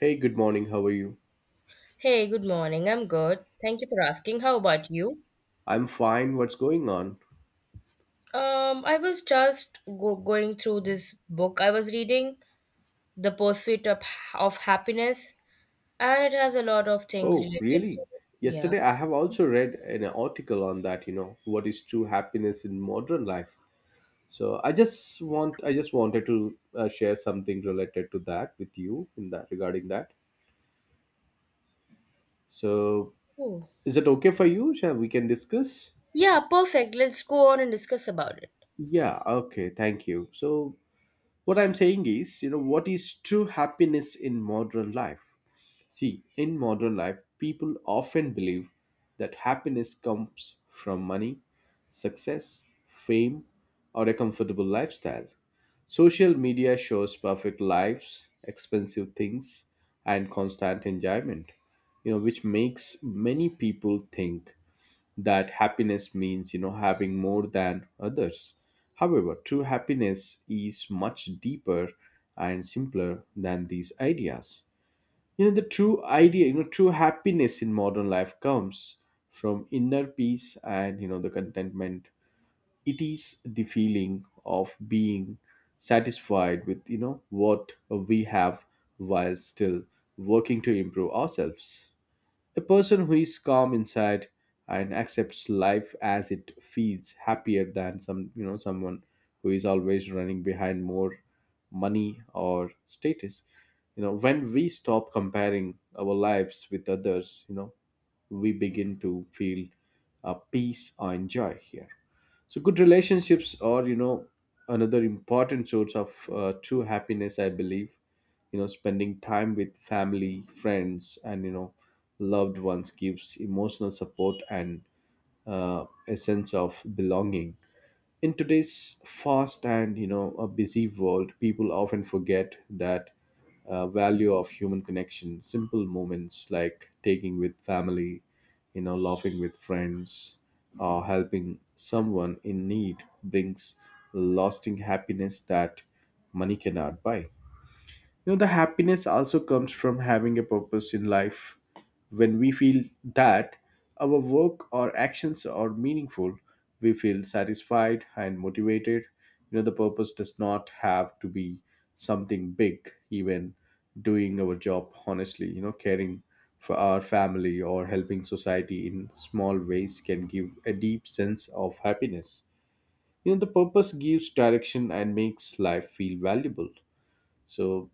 Hey, good morning. How are you? Hey, good morning. I'm good. Thank you for asking. How about you? I'm fine. What's going on? I was just go going through this book I was reading, The Pursuit of Happiness, and it has a lot of things Oh, related to really? it. Yeah. Yesterday I have also read an article on that, you know, what is true happiness in modern life. So I just wanted to share something related to that with you in that regarding that. So Ooh. is it okay for you? Shall we can discuss? Yeah, perfect. Let's go on and discuss about it. Yeah, okay. Thank you. So what I'm saying is, you know, what is true happiness in modern life? See, in modern life, people often believe that happiness comes from money, success, fame, or a comfortable lifestyle. Social media shows perfect lives, expensive things, and constant enjoyment, you know, which makes many people think that happiness means, you know, having more than others. However, true happiness is much deeper and simpler than these ideas. You know, true happiness in modern life comes from inner peace and, you know, the contentment. It is the feeling of being satisfied with, you know, what we have, while still working to improve ourselves. A person who is calm inside and accepts life as it feels happier than someone who is always running behind more money or status. You know, when we stop comparing our lives with others, you know, we begin to feel a peace or joy here. So good relationships are, you know, another important source of true happiness, I believe. You know, spending time with family, friends, and, you know, loved ones gives emotional support and a sense of belonging. In today's fast and, you know, a busy world, people often forget that value of human connection. Simple moments like taking with family, you know, laughing with friends, or helping someone in need brings lasting happiness that money cannot buy. You know, the happiness also comes from having a purpose in life. When we feel that our work or actions are meaningful, we feel satisfied and motivated. You know, the purpose does not have to be something big. Even doing our job honestly, you know, caring for our family or helping society in small ways can give a deep sense of happiness. You know, the purpose gives direction and makes life feel valuable. So,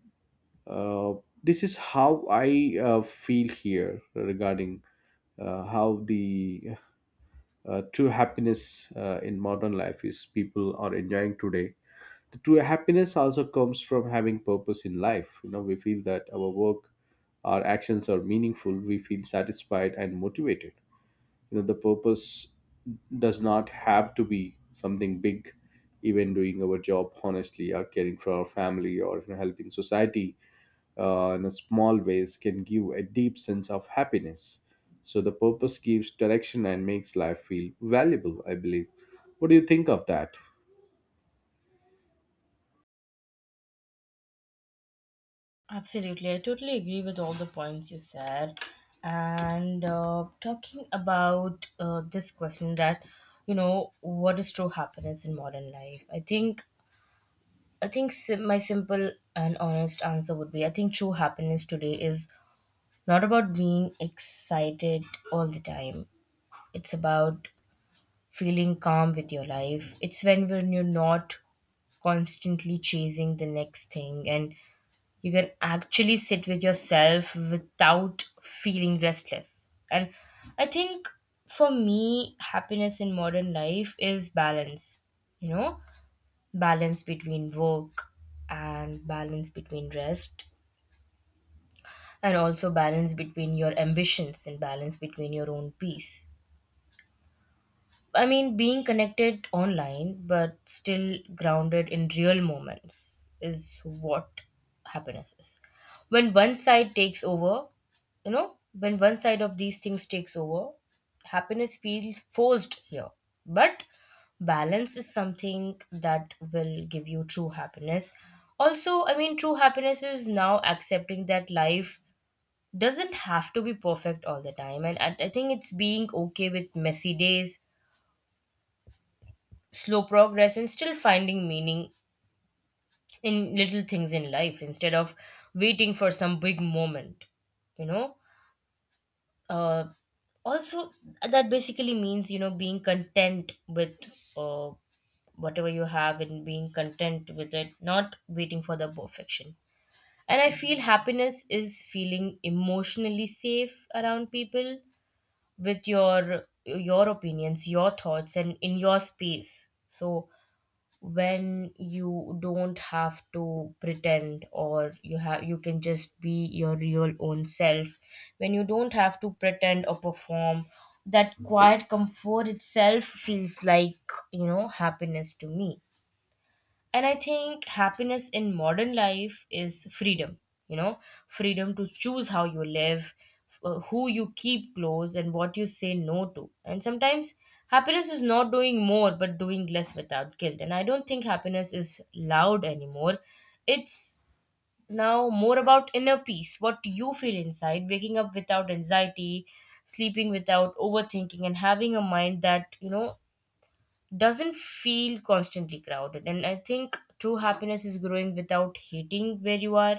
uh, this is how I feel here regarding how the true happiness in modern life is people are enjoying today. The true happiness also comes from having purpose in life. You know, we feel that our work, our actions are meaningful. We feel satisfied and motivated. You know, the purpose does not have to be something big. Even doing our job honestly, or caring for our family, or, you know, helping society, in a small ways can give a deep sense of happiness. So the purpose gives direction and makes life feel valuable, I believe. What do you think of that? Absolutely. I totally agree with all the points you said. And talking about this question that, you know, what is true happiness in modern life? I think my simple and honest answer would be, I think true happiness today is not about being excited all the time. It's about feeling calm with your life. It's when you're not constantly chasing the next thing and you can actually sit with yourself without feeling restless. And I think for me happiness in modern life is balance. You know, balance between work and balance between rest, and also balance between your ambitions and balance between your own peace. I mean, being connected online but still grounded in real moments is what happiness is. When one side takes over, you know, when one side of these things takes over, happiness feels forced here. But balance is something that will give you true happiness. Also, I mean, true happiness is now accepting that life doesn't have to be perfect all the time. And I think it's being okay with messy days, slow progress, and still finding meaning in little things in life instead of waiting for some big moment, you know. uh, Also, that basically means, you know, being content with, uh, whatever you have, and being content with it, not waiting for the perfection. And I feel happiness is feeling emotionally safe around people, with your opinions, your thoughts, and in your space. So when you don't have to pretend, or you have, you can just be your real own self. When you don't have to pretend or perform, that quiet comfort itself feels like, you know, happiness to me. And I think happiness in modern life is freedom, you know, freedom to choose how you live, who you keep close, and what you say no to. And sometimes happiness is not doing more, but doing less without guilt. And I don't think happiness is loud anymore. It's now more about inner peace, what you feel inside, waking up without anxiety, sleeping without overthinking, and having a mind that, you know, doesn't feel constantly crowded. And I think true happiness is growing without hating where you are,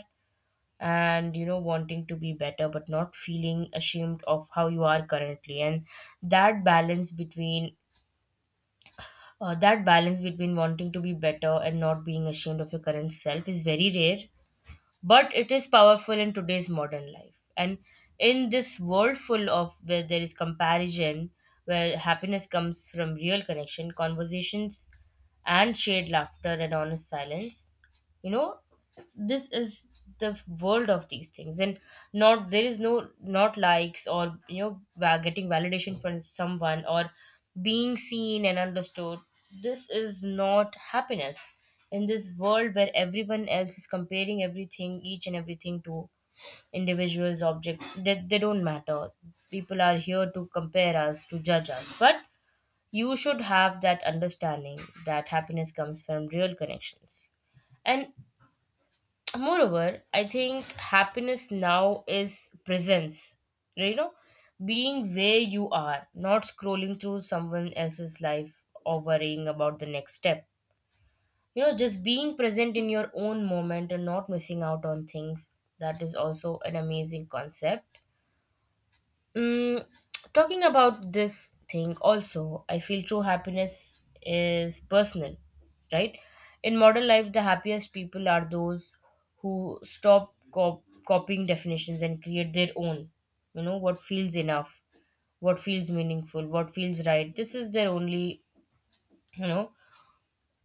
and you know, wanting to be better but not feeling ashamed of how you are currently. And that balance between, wanting to be better and not being ashamed of your current self is very rare, but it is powerful in today's modern life. And in this world full of where there is comparison, where happiness comes from real connection, conversations, and shared laughter and honest silence, you know, this is the world of these things. And not, there is no, not likes, or you know, getting validation from someone, or being seen and understood, this is not happiness. In this world where everyone else is comparing everything, each and everything to individuals, objects, that they don't matter. People are here to compare us, to judge us, but you should have that understanding that happiness comes from real connections. And moreover, I think happiness now is presence, you know, being where you are, not scrolling through someone else's life or worrying about the next step. You know, just being present in your own moment and not missing out on things, that is also an amazing concept. Mm, talking about this thing also, I feel true happiness is personal, right? In modern life, the happiest people are those who stop copying definitions and create their own. You know, what feels enough, what feels meaningful, what feels right. This is their only, you know,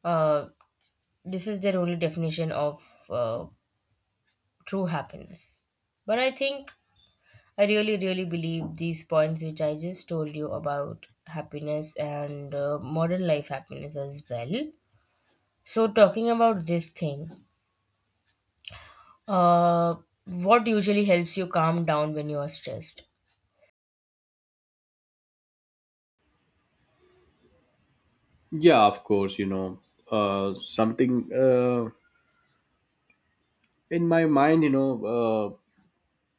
uh, this is their only definition of, uh, true happiness. But I think I really, really believe these points which I just told you about happiness, and modern life happiness as well. So, talking about this thing, uh, what usually helps you calm down when you are stressed? Yeah, of course, you know, something in my mind, you know,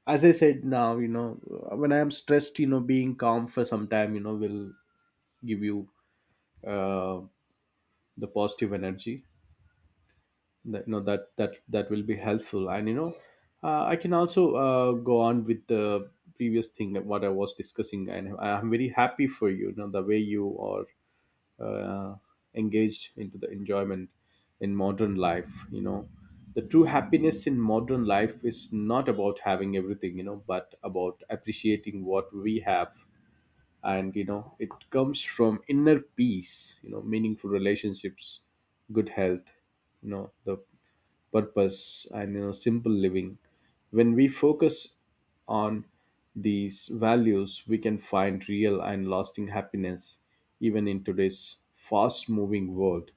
as I said now, you know, when I am stressed, you know, being calm for some time, you know, will give you uh, the positive energy that, you know, that will be helpful. And, you know, I can also go on with the previous thing that what I was discussing. And I'm very happy for you, you know, the way you are uh, engaged into the enjoyment in modern life. You know, the true happiness in modern life is not about having everything, you know, but about appreciating what we have. And, you know, it comes from inner peace, you know, meaningful relationships, good health, you know, the purpose and, you know, simple living. When we focus on these values, we can find real and lasting happiness even in today's fast moving world.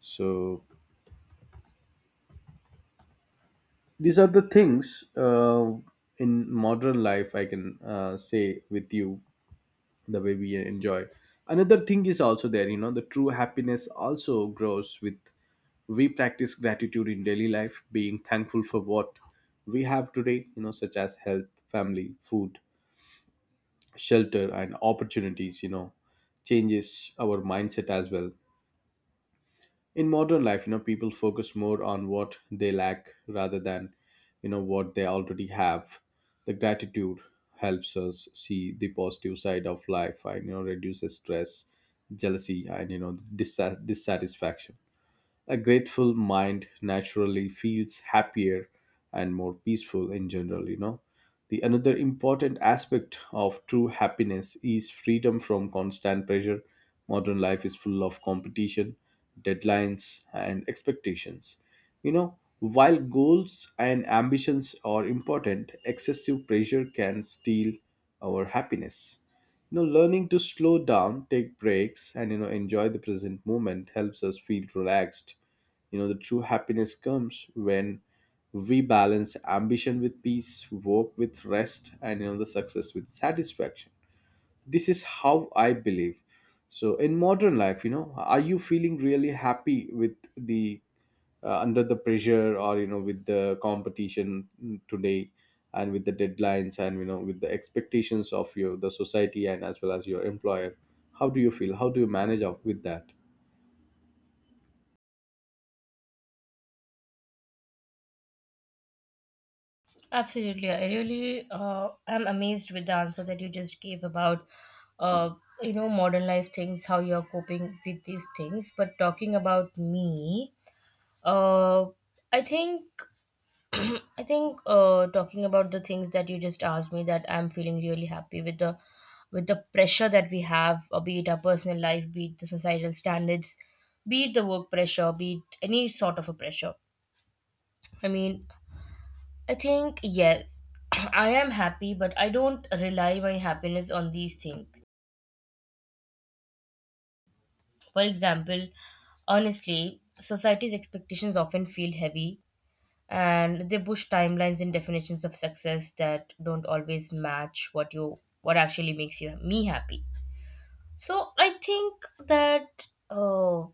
So these are the things, in modern life I can say with you the way we enjoy. Another thing is also there. You know, the true happiness also grows with we practice gratitude in daily life, being thankful for what we have today, you know, such as health, family, food, shelter, and opportunities. You know, changes our mindset as well. In modern life, you know, people focus more on what they lack rather than, you know, what they already have. The gratitude helps us see the positive side of life and, you know, reduces stress, jealousy, and, you know, dissatisfaction. A grateful mind naturally feels happier and more peaceful in general, you know. The another important aspect of true happiness is freedom from constant pressure. Modern life is full of competition, deadlines, and expectations. You know, while goals and ambitions are important, excessive pressure can steal our happiness. You know, learning to slow down, take breaks, and, you know, enjoy the present moment helps us feel relaxed. You know, the true happiness comes when we balance ambition with peace, work with rest, and, you know, the success with satisfaction. This is how I believe. So in modern life, you know, are you feeling really happy with the under the pressure or, you know, with the competition today, and with the deadlines, and, you know, with the expectations of your the society and as well as your employer? How do you feel? How do you manage up with that? Absolutely. I really am amazed with the answer that you just gave about, uh, you know, modern life things, how you're coping with these things. But talking about me, uh, I think I think talking about the things that you just asked me, that I'm feeling really happy with the, with the pressure that we have, be it our personal life, be it the societal standards, be it the work pressure, be it any sort of a pressure. I mean, I think yes, I am happy, but I don't rely my happiness on these things. For example, honestly, society's expectations often feel heavy, and they push timelines and definitions of success that don't always match what you what actually makes you me happy. So I think that,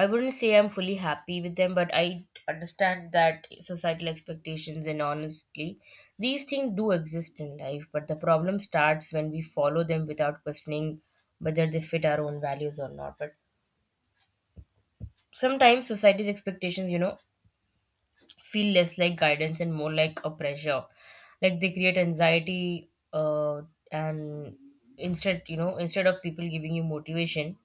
I wouldn't say I'm fully happy with them, but I understand that societal expectations, and honestly, these things do exist in life. But the problem starts when we follow them without questioning whether they fit our own values or not. But sometimes society's expectations, you know, feel less like guidance and more like a pressure. Like, they create anxiety, and instead, you know, instead of people giving you motivation,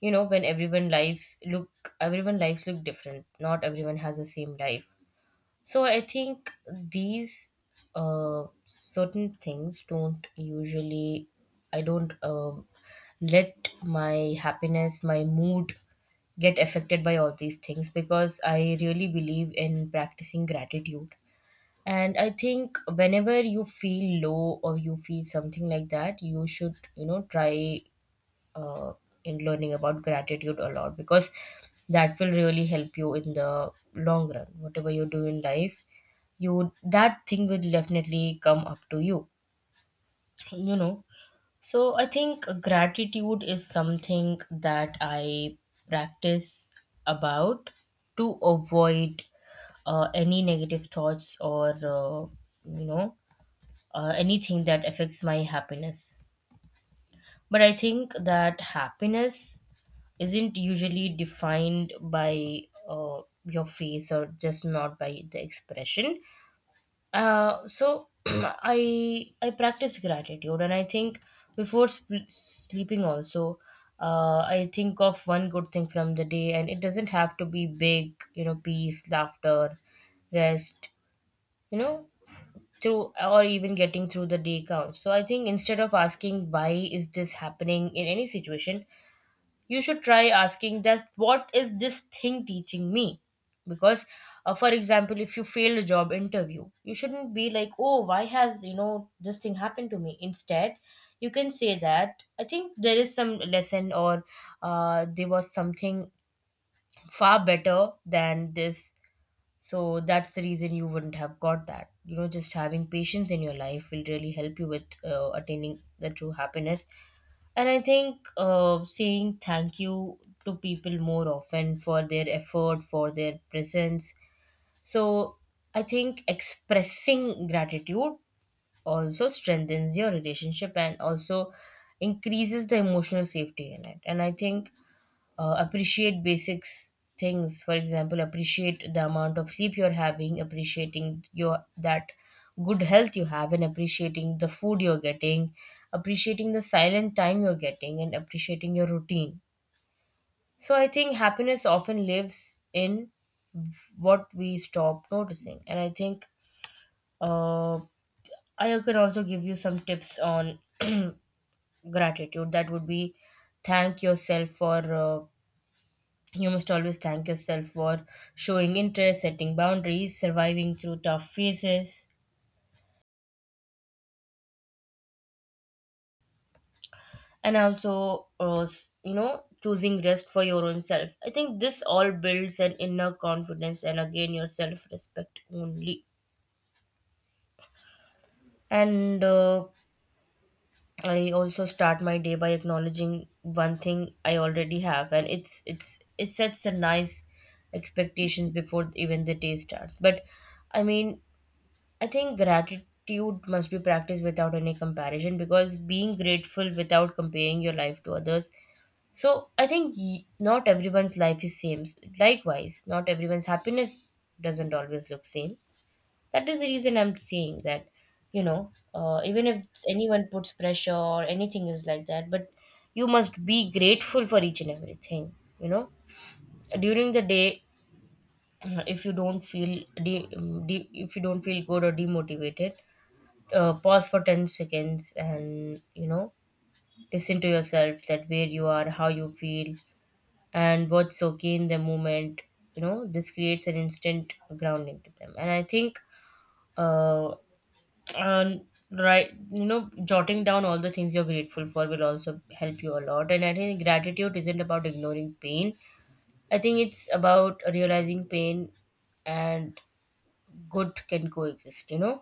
you know, when everyone lives look different, not everyone has the same life. So I think these, certain things don't usually, I don't let my happiness, my mood, get affected by all these things, because I really believe in practicing gratitude. And I think whenever you feel low or you feel something like that, you should, you know, try uh, in learning about gratitude a lot, because that will really help you in the long run. Whatever you do in life, you, that thing will definitely come up to you, you know. So I think gratitude is something that I practice about, to avoid any negative thoughts, or you know, anything that affects my happiness. But I think that happiness isn't usually defined by, your face or just not by the expression. So I practice gratitude, and I think before sleeping also, I think of one good thing from the day, and it doesn't have to be big, you know, peace, laughter, rest, you know, through or even getting through the day counts. So I think instead of asking why is this happening in any situation, you should try asking that what is this thing teaching me. Because, for example, if you fail a job interview, you shouldn't be like, oh, why has, you know, this thing happened to me. Instead, you can say that I think there is some lesson, or there was something far better than this, so that's the reason you wouldn't have got that. You know, just having patience in your life will really help you with attaining the true happiness. And I think saying thank you to people more often for their effort, for their presence. So I think expressing gratitude also strengthens your relationship and also increases the emotional safety in it. And I think, appreciate basics things. For example, appreciate the amount of sleep you're having, appreciating your that good health you have, and appreciating the food you're getting, appreciating the silent time you're getting, and appreciating your routine. So I think happiness often lives in what we stop noticing. And I think, uh, I could also give you some tips on gratitude. That would be, thank yourself for, uh, you must always thank yourself for showing interest, setting boundaries, surviving through tough phases, and also, you know, choosing rest for your own self. I think this all builds an inner confidence, and again, your self respect only. And I also start my day by acknowledging one thing I already have, and it's it sets a nice expectations before even the day starts. But I mean, I think gratitude must be practiced without any comparison, because being grateful without comparing your life to others. So I think, not everyone's life is same. Likewise, not everyone's happiness doesn't always look same. That is the reason I'm saying that, you know, even if anyone puts pressure or anything is like that, but you must be grateful for each and everything. You know, during the day, if you don't feel if you don't feel good or demotivated, pause for 10 seconds and listen to yourself, that where you are, how you feel, and what's okay in the moment. You know, this creates an instant grounding to them. And I think uh and jotting down all the things you're grateful for will also help you a lot. And I think gratitude isn't about ignoring pain, I think it's about realizing pain and good can coexist, you know.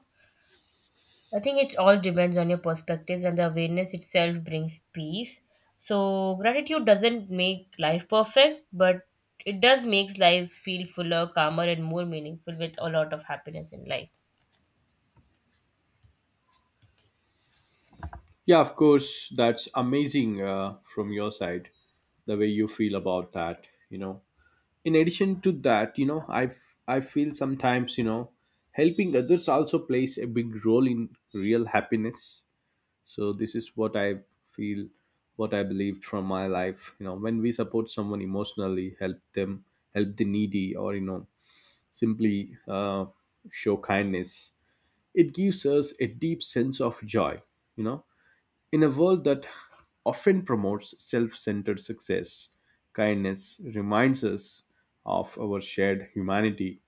I think it all depends on your perspectives, and the awareness itself brings peace. So gratitude doesn't make life perfect, but it does makes life feel fuller, calmer, and more meaningful with a lot of happiness in life. Yeah, of course, that's amazing, from your side, the way you feel about that. You know, in addition to that, you know, I feel sometimes, you know, helping others also plays a big role in real happiness. So this is what I feel, what I believed from my life. You know, when we support someone emotionally, help them, help the needy, or, you know, simply show kindness, it gives us a deep sense of joy. You know, in a world that often promotes self-centered success, kindness reminds us of our shared humanity.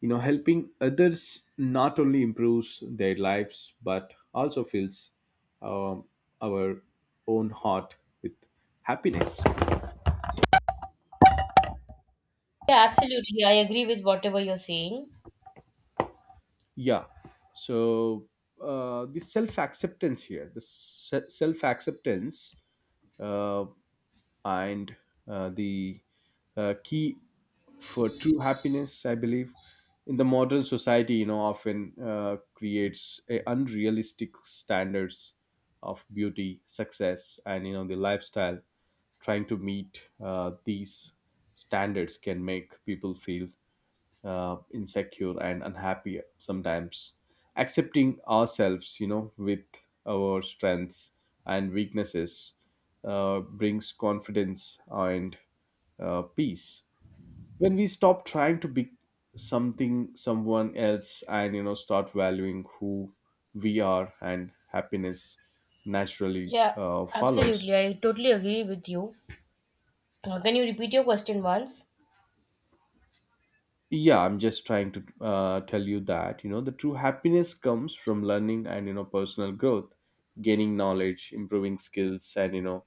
You know, helping others not only improves their lives but also fills um, our own heart with happiness. Yeah, absolutely. I agree with whatever you're saying. Yeah. So the self acceptance here, the self acceptance uh, and the key for true happiness, I believe, in the modern society, you know, often creates a unrealistic standards of beauty, success, and, you know, the lifestyle. Trying to meet these standards can make people feel insecure and unhappy sometimes. Accepting ourselves, you know, with our strengths and weaknesses brings confidence and peace. When we stop trying to be something someone else and, you know, start valuing who we are, and happiness naturally Yeah, follows. absolutely. I totally agree with you. Can you repeat your question once? Yeah, I'm just trying to tell you that, you know, the true happiness comes from learning and, you know, personal growth. Gaining knowledge, improving skills, and, you know,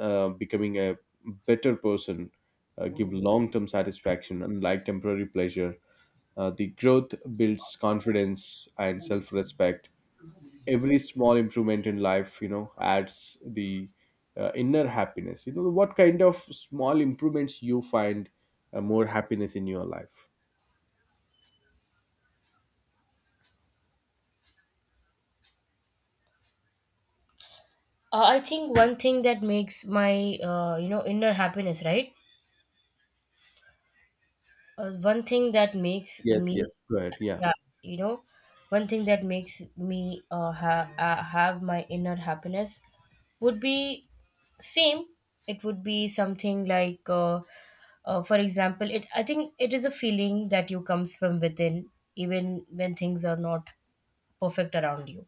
becoming a better person give long term satisfaction, unlike temporary pleasure. The growth builds confidence and self respect. Every small improvement in life, you know, adds the inner happiness. You know, what kind of small improvements you find more happiness in your life? I think one thing that makes my inner happiness, right? One thing that makes Yes, me, yes. Go ahead. Yeah. yeah, you know, one thing that makes me have my inner happiness would be same. It would be something like, for example, it. I think it is a feeling that you comes from within, even when things are not perfect around you.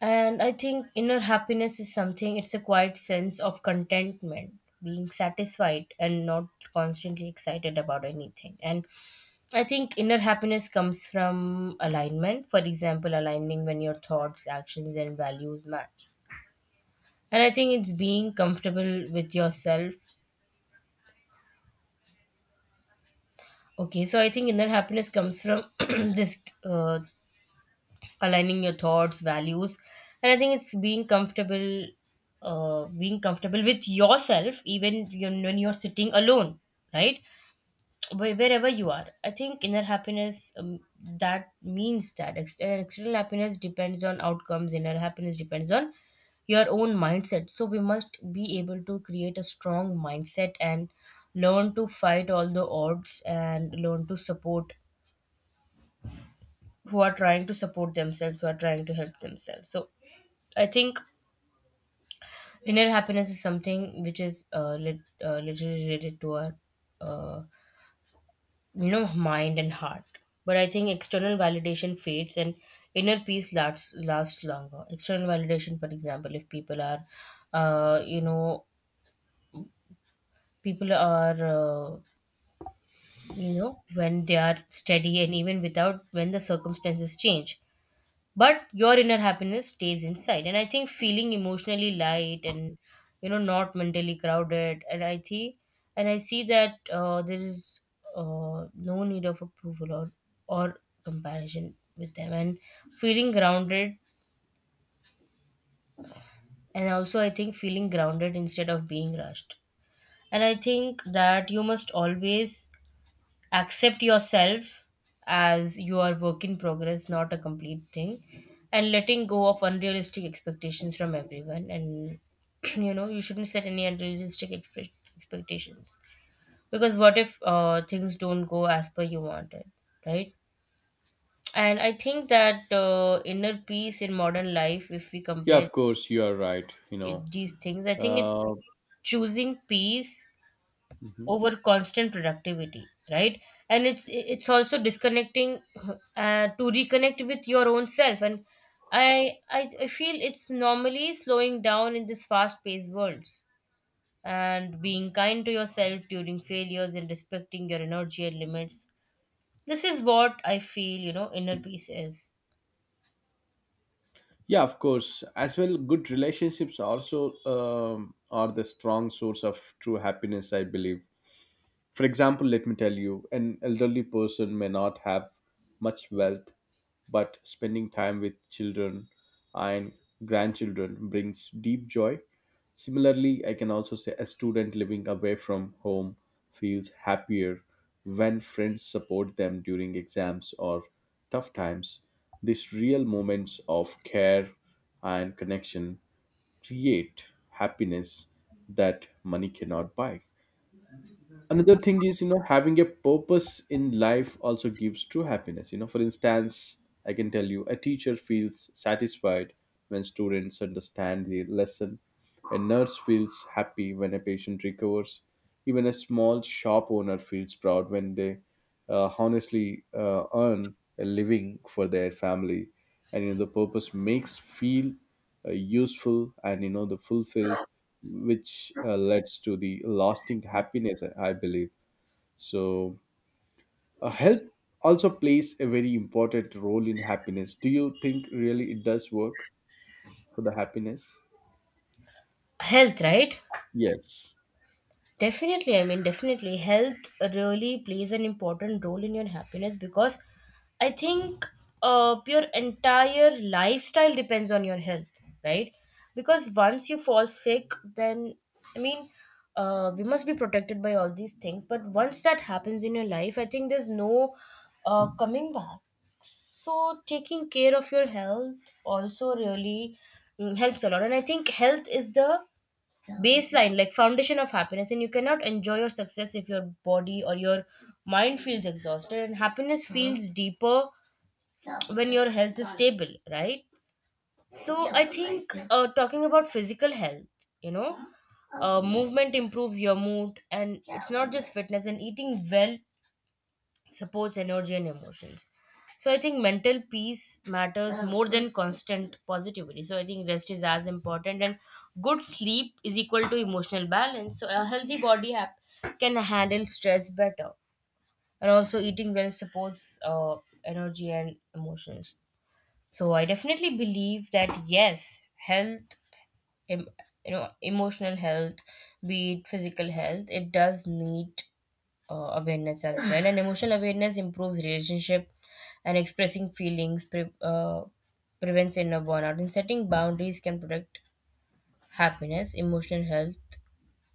And I think inner happiness is something, it's a quiet sense of contentment, being satisfied and not constantly excited about anything. And I think inner happiness comes from alignment. For example, aligning when your thoughts, actions, and values match. And I think it's being comfortable with yourself. Okay, so I think inner happiness comes from this aligning your thoughts, values, and I think it's being being comfortable with yourself, even you when you're sitting alone, right? Wherever you are, I think inner happiness, that means that external happiness depends on outcomes, inner happiness depends on your own mindset. So we must be able to create a strong mindset and learn to fight all the odds and learn to support who are trying to support themselves, who are trying to help themselves. So I think inner happiness is something which is literally related to our uh, you know, mind and heart. But I think external validation fades and inner peace lasts longer. External validation, for example, if people are you know, people are you know, when they are steady and even without when the circumstances change, but your inner happiness stays inside. And I think feeling emotionally light and you know not mentally crowded. And I think and I see that there is no need of approval or or comparison with them, and feeling grounded. And also I think feeling grounded instead of being rushed. And I think that you must always accept yourself as you are, work in progress, not a complete thing, and letting go of unrealistic expectations from everyone. And you know, you shouldn't set any unrealistic expectations, because what if things don't go as per you wanted, right? And I think that inner peace in modern life, if we Yeah, compare of course, you are right. You know, these things, I think it's uh, choosing peace mhm. over constant productivity, right? And it's also disconnecting to reconnect with your own self. And I feel it's normally slowing down in this fast paced world, and being kind to yourself during failures and respecting your energy and limits. This is what I feel, you know, inner peace is. Yeah, of course. As well, good relationships also are the strong source of true happiness, I believe. For example, let me tell you, an elderly person may not have much wealth, but spending time with children and grandchildren brings deep joy. Similarly, I can also say a student living away from home feels happier when friends support them during exams or tough times. These real moments of care and connection create happiness that money cannot buy. Another thing is, you know, having a purpose in life also gives true happiness. You know, for instance, I can tell you a teacher feels satisfied when students understand the lesson. A nurse feels happy when a patient recovers. Even a small shop owner feels proud when they honestly earn a living for their family. And, you know, the purpose makes feel useful and, you know, the fulfilled, which leads to the lasting happiness. I believe so. Help also plays a very important role in happiness. Do you think really it does work for the happiness? Health, right? Yes. Definitely, I mean, definitely, health really plays an important role in your happiness because I think your entire lifestyle depends on your health, right? Because once you fall sick, then I mean, we must be protected by all these things. But once that happens in your life, I think there's no coming back. So taking care of your health also really helps a lot. And I think health is the baseline, like foundation of happiness, and you cannot enjoy your success if your body or your mind feels exhausted. And happiness feels deeper when your health is stable, right? So I think talking about physical health, you know, movement improves your mood, and it's not just fitness, and eating well supports energy and emotions. So I think mental peace matters more than constant positivity. So I think rest is as important, and good sleep is equal to emotional balance. So a healthy body can handle stress better. And also eating well supports energy and emotions. So I definitely believe that yes, health, em- you know, emotional health, be it physical health, it does need awareness as well. And emotional awareness improves relationship, and expressing feelings prevents inner burnout. And setting boundaries can protect happiness, emotional health.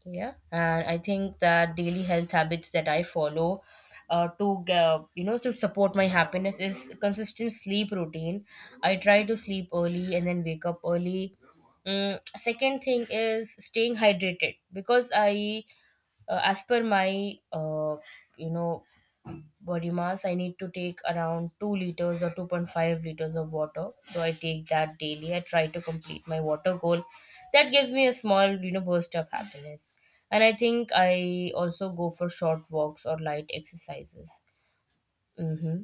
Yeah, and I think that daily health habits that I follow. To you know, to support my happiness is consistent sleep routine. I try to sleep early and then wake up early. Mm, second thing is staying hydrated, because I, as per my, you know, body mass, I need to take around 2 liters or 2.5 liters of water. So I take that daily. I try to complete my water goal. That gives me a small, you know, burst of happiness. And I think I also go for short walks or light exercises. Hmm.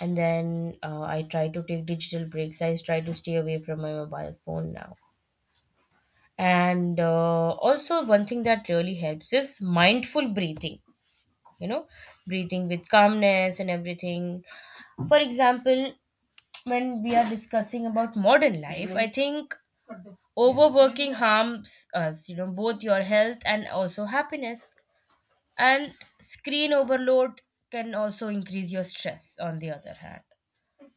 And then I try to take digital breaks. I try to stay away from my mobile phone now. And also, one thing that really helps is mindful breathing, you know, breathing with calmness and everything. For example, when we are discussing about modern life, I think overworking harms us, you know, both your health and also happiness. And screen overload can also increase your stress, on the other hand.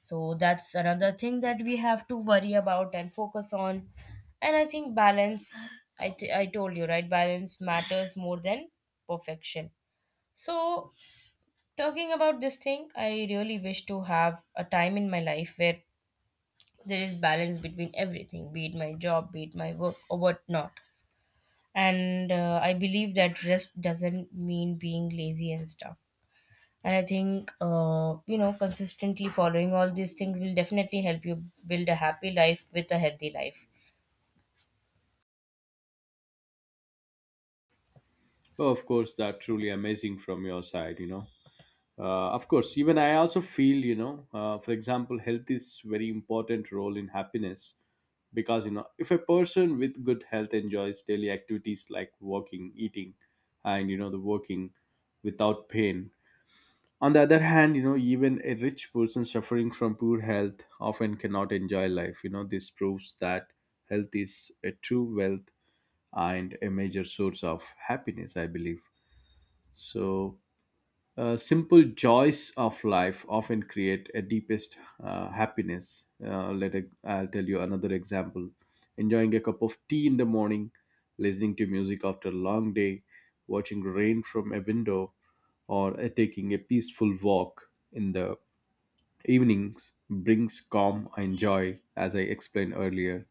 So that's another thing that we have to worry about and focus on. And I think balance, I told you, right, balance matters more than perfection. So talking about this thing, I really wish to have a time in my life where there is balance between everything, be it my job, be it my work, or whatnot. And I believe that rest doesn't mean being lazy and stuff. And I think, you know, consistently following all these things will definitely help you build a happy life with a healthy life. Oh, of course, that truly amazing from your side, you know. Of course, even I also feel, you know, for example, health is very important role in happiness because, you know, if a person with good health enjoys daily activities like walking, eating, and, you know, the working without pain. On the other hand, you know, even a rich person suffering from poor health often cannot enjoy life. You know, this proves that health is a true wealth and a major source of happiness, I believe. So, simple joys of life often create a deepest happiness. Let I I'll tell you another example: enjoying a cup of tea in the morning, listening to music after a long day, watching rain from a window, or taking a peaceful walk in the evenings brings calm and joy, as I explained earlier.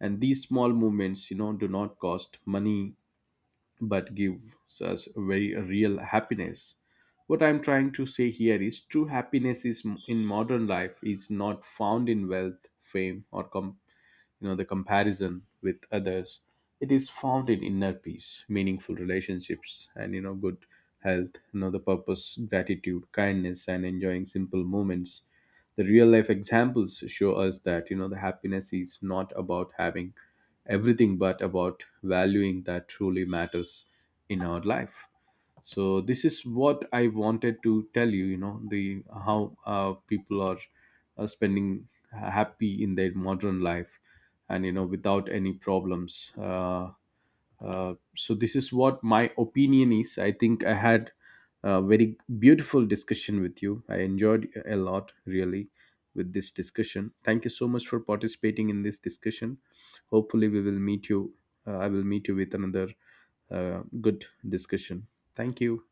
And these small movements, you know, do not cost money but gives us very real happiness. What I'm trying to say here is true happiness is in modern life is not found in wealth, fame, or you know, the comparison with others. It is found in inner peace, meaningful relationships, and, you know, good health, you know, the purpose, gratitude, kindness, and enjoying simple moments. The real life examples show us that, you know, the happiness is not about having everything but about valuing that truly matters in our life. So this is what I wanted to tell you, you know, the how, people are spending happy in their modern life, and, you know, without any problems. So this is what my opinion is. I think I had a very beautiful discussion with you. I enjoyed a lot really with this discussion. Thank you so much for participating in this discussion. Hopefully we will meet you. I will meet you with another good discussion. Thank you.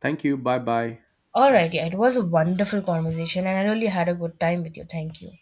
Thank you. Bye bye. Alright, yeah, it was a wonderful conversation, and I really had a good time with you. Thank you.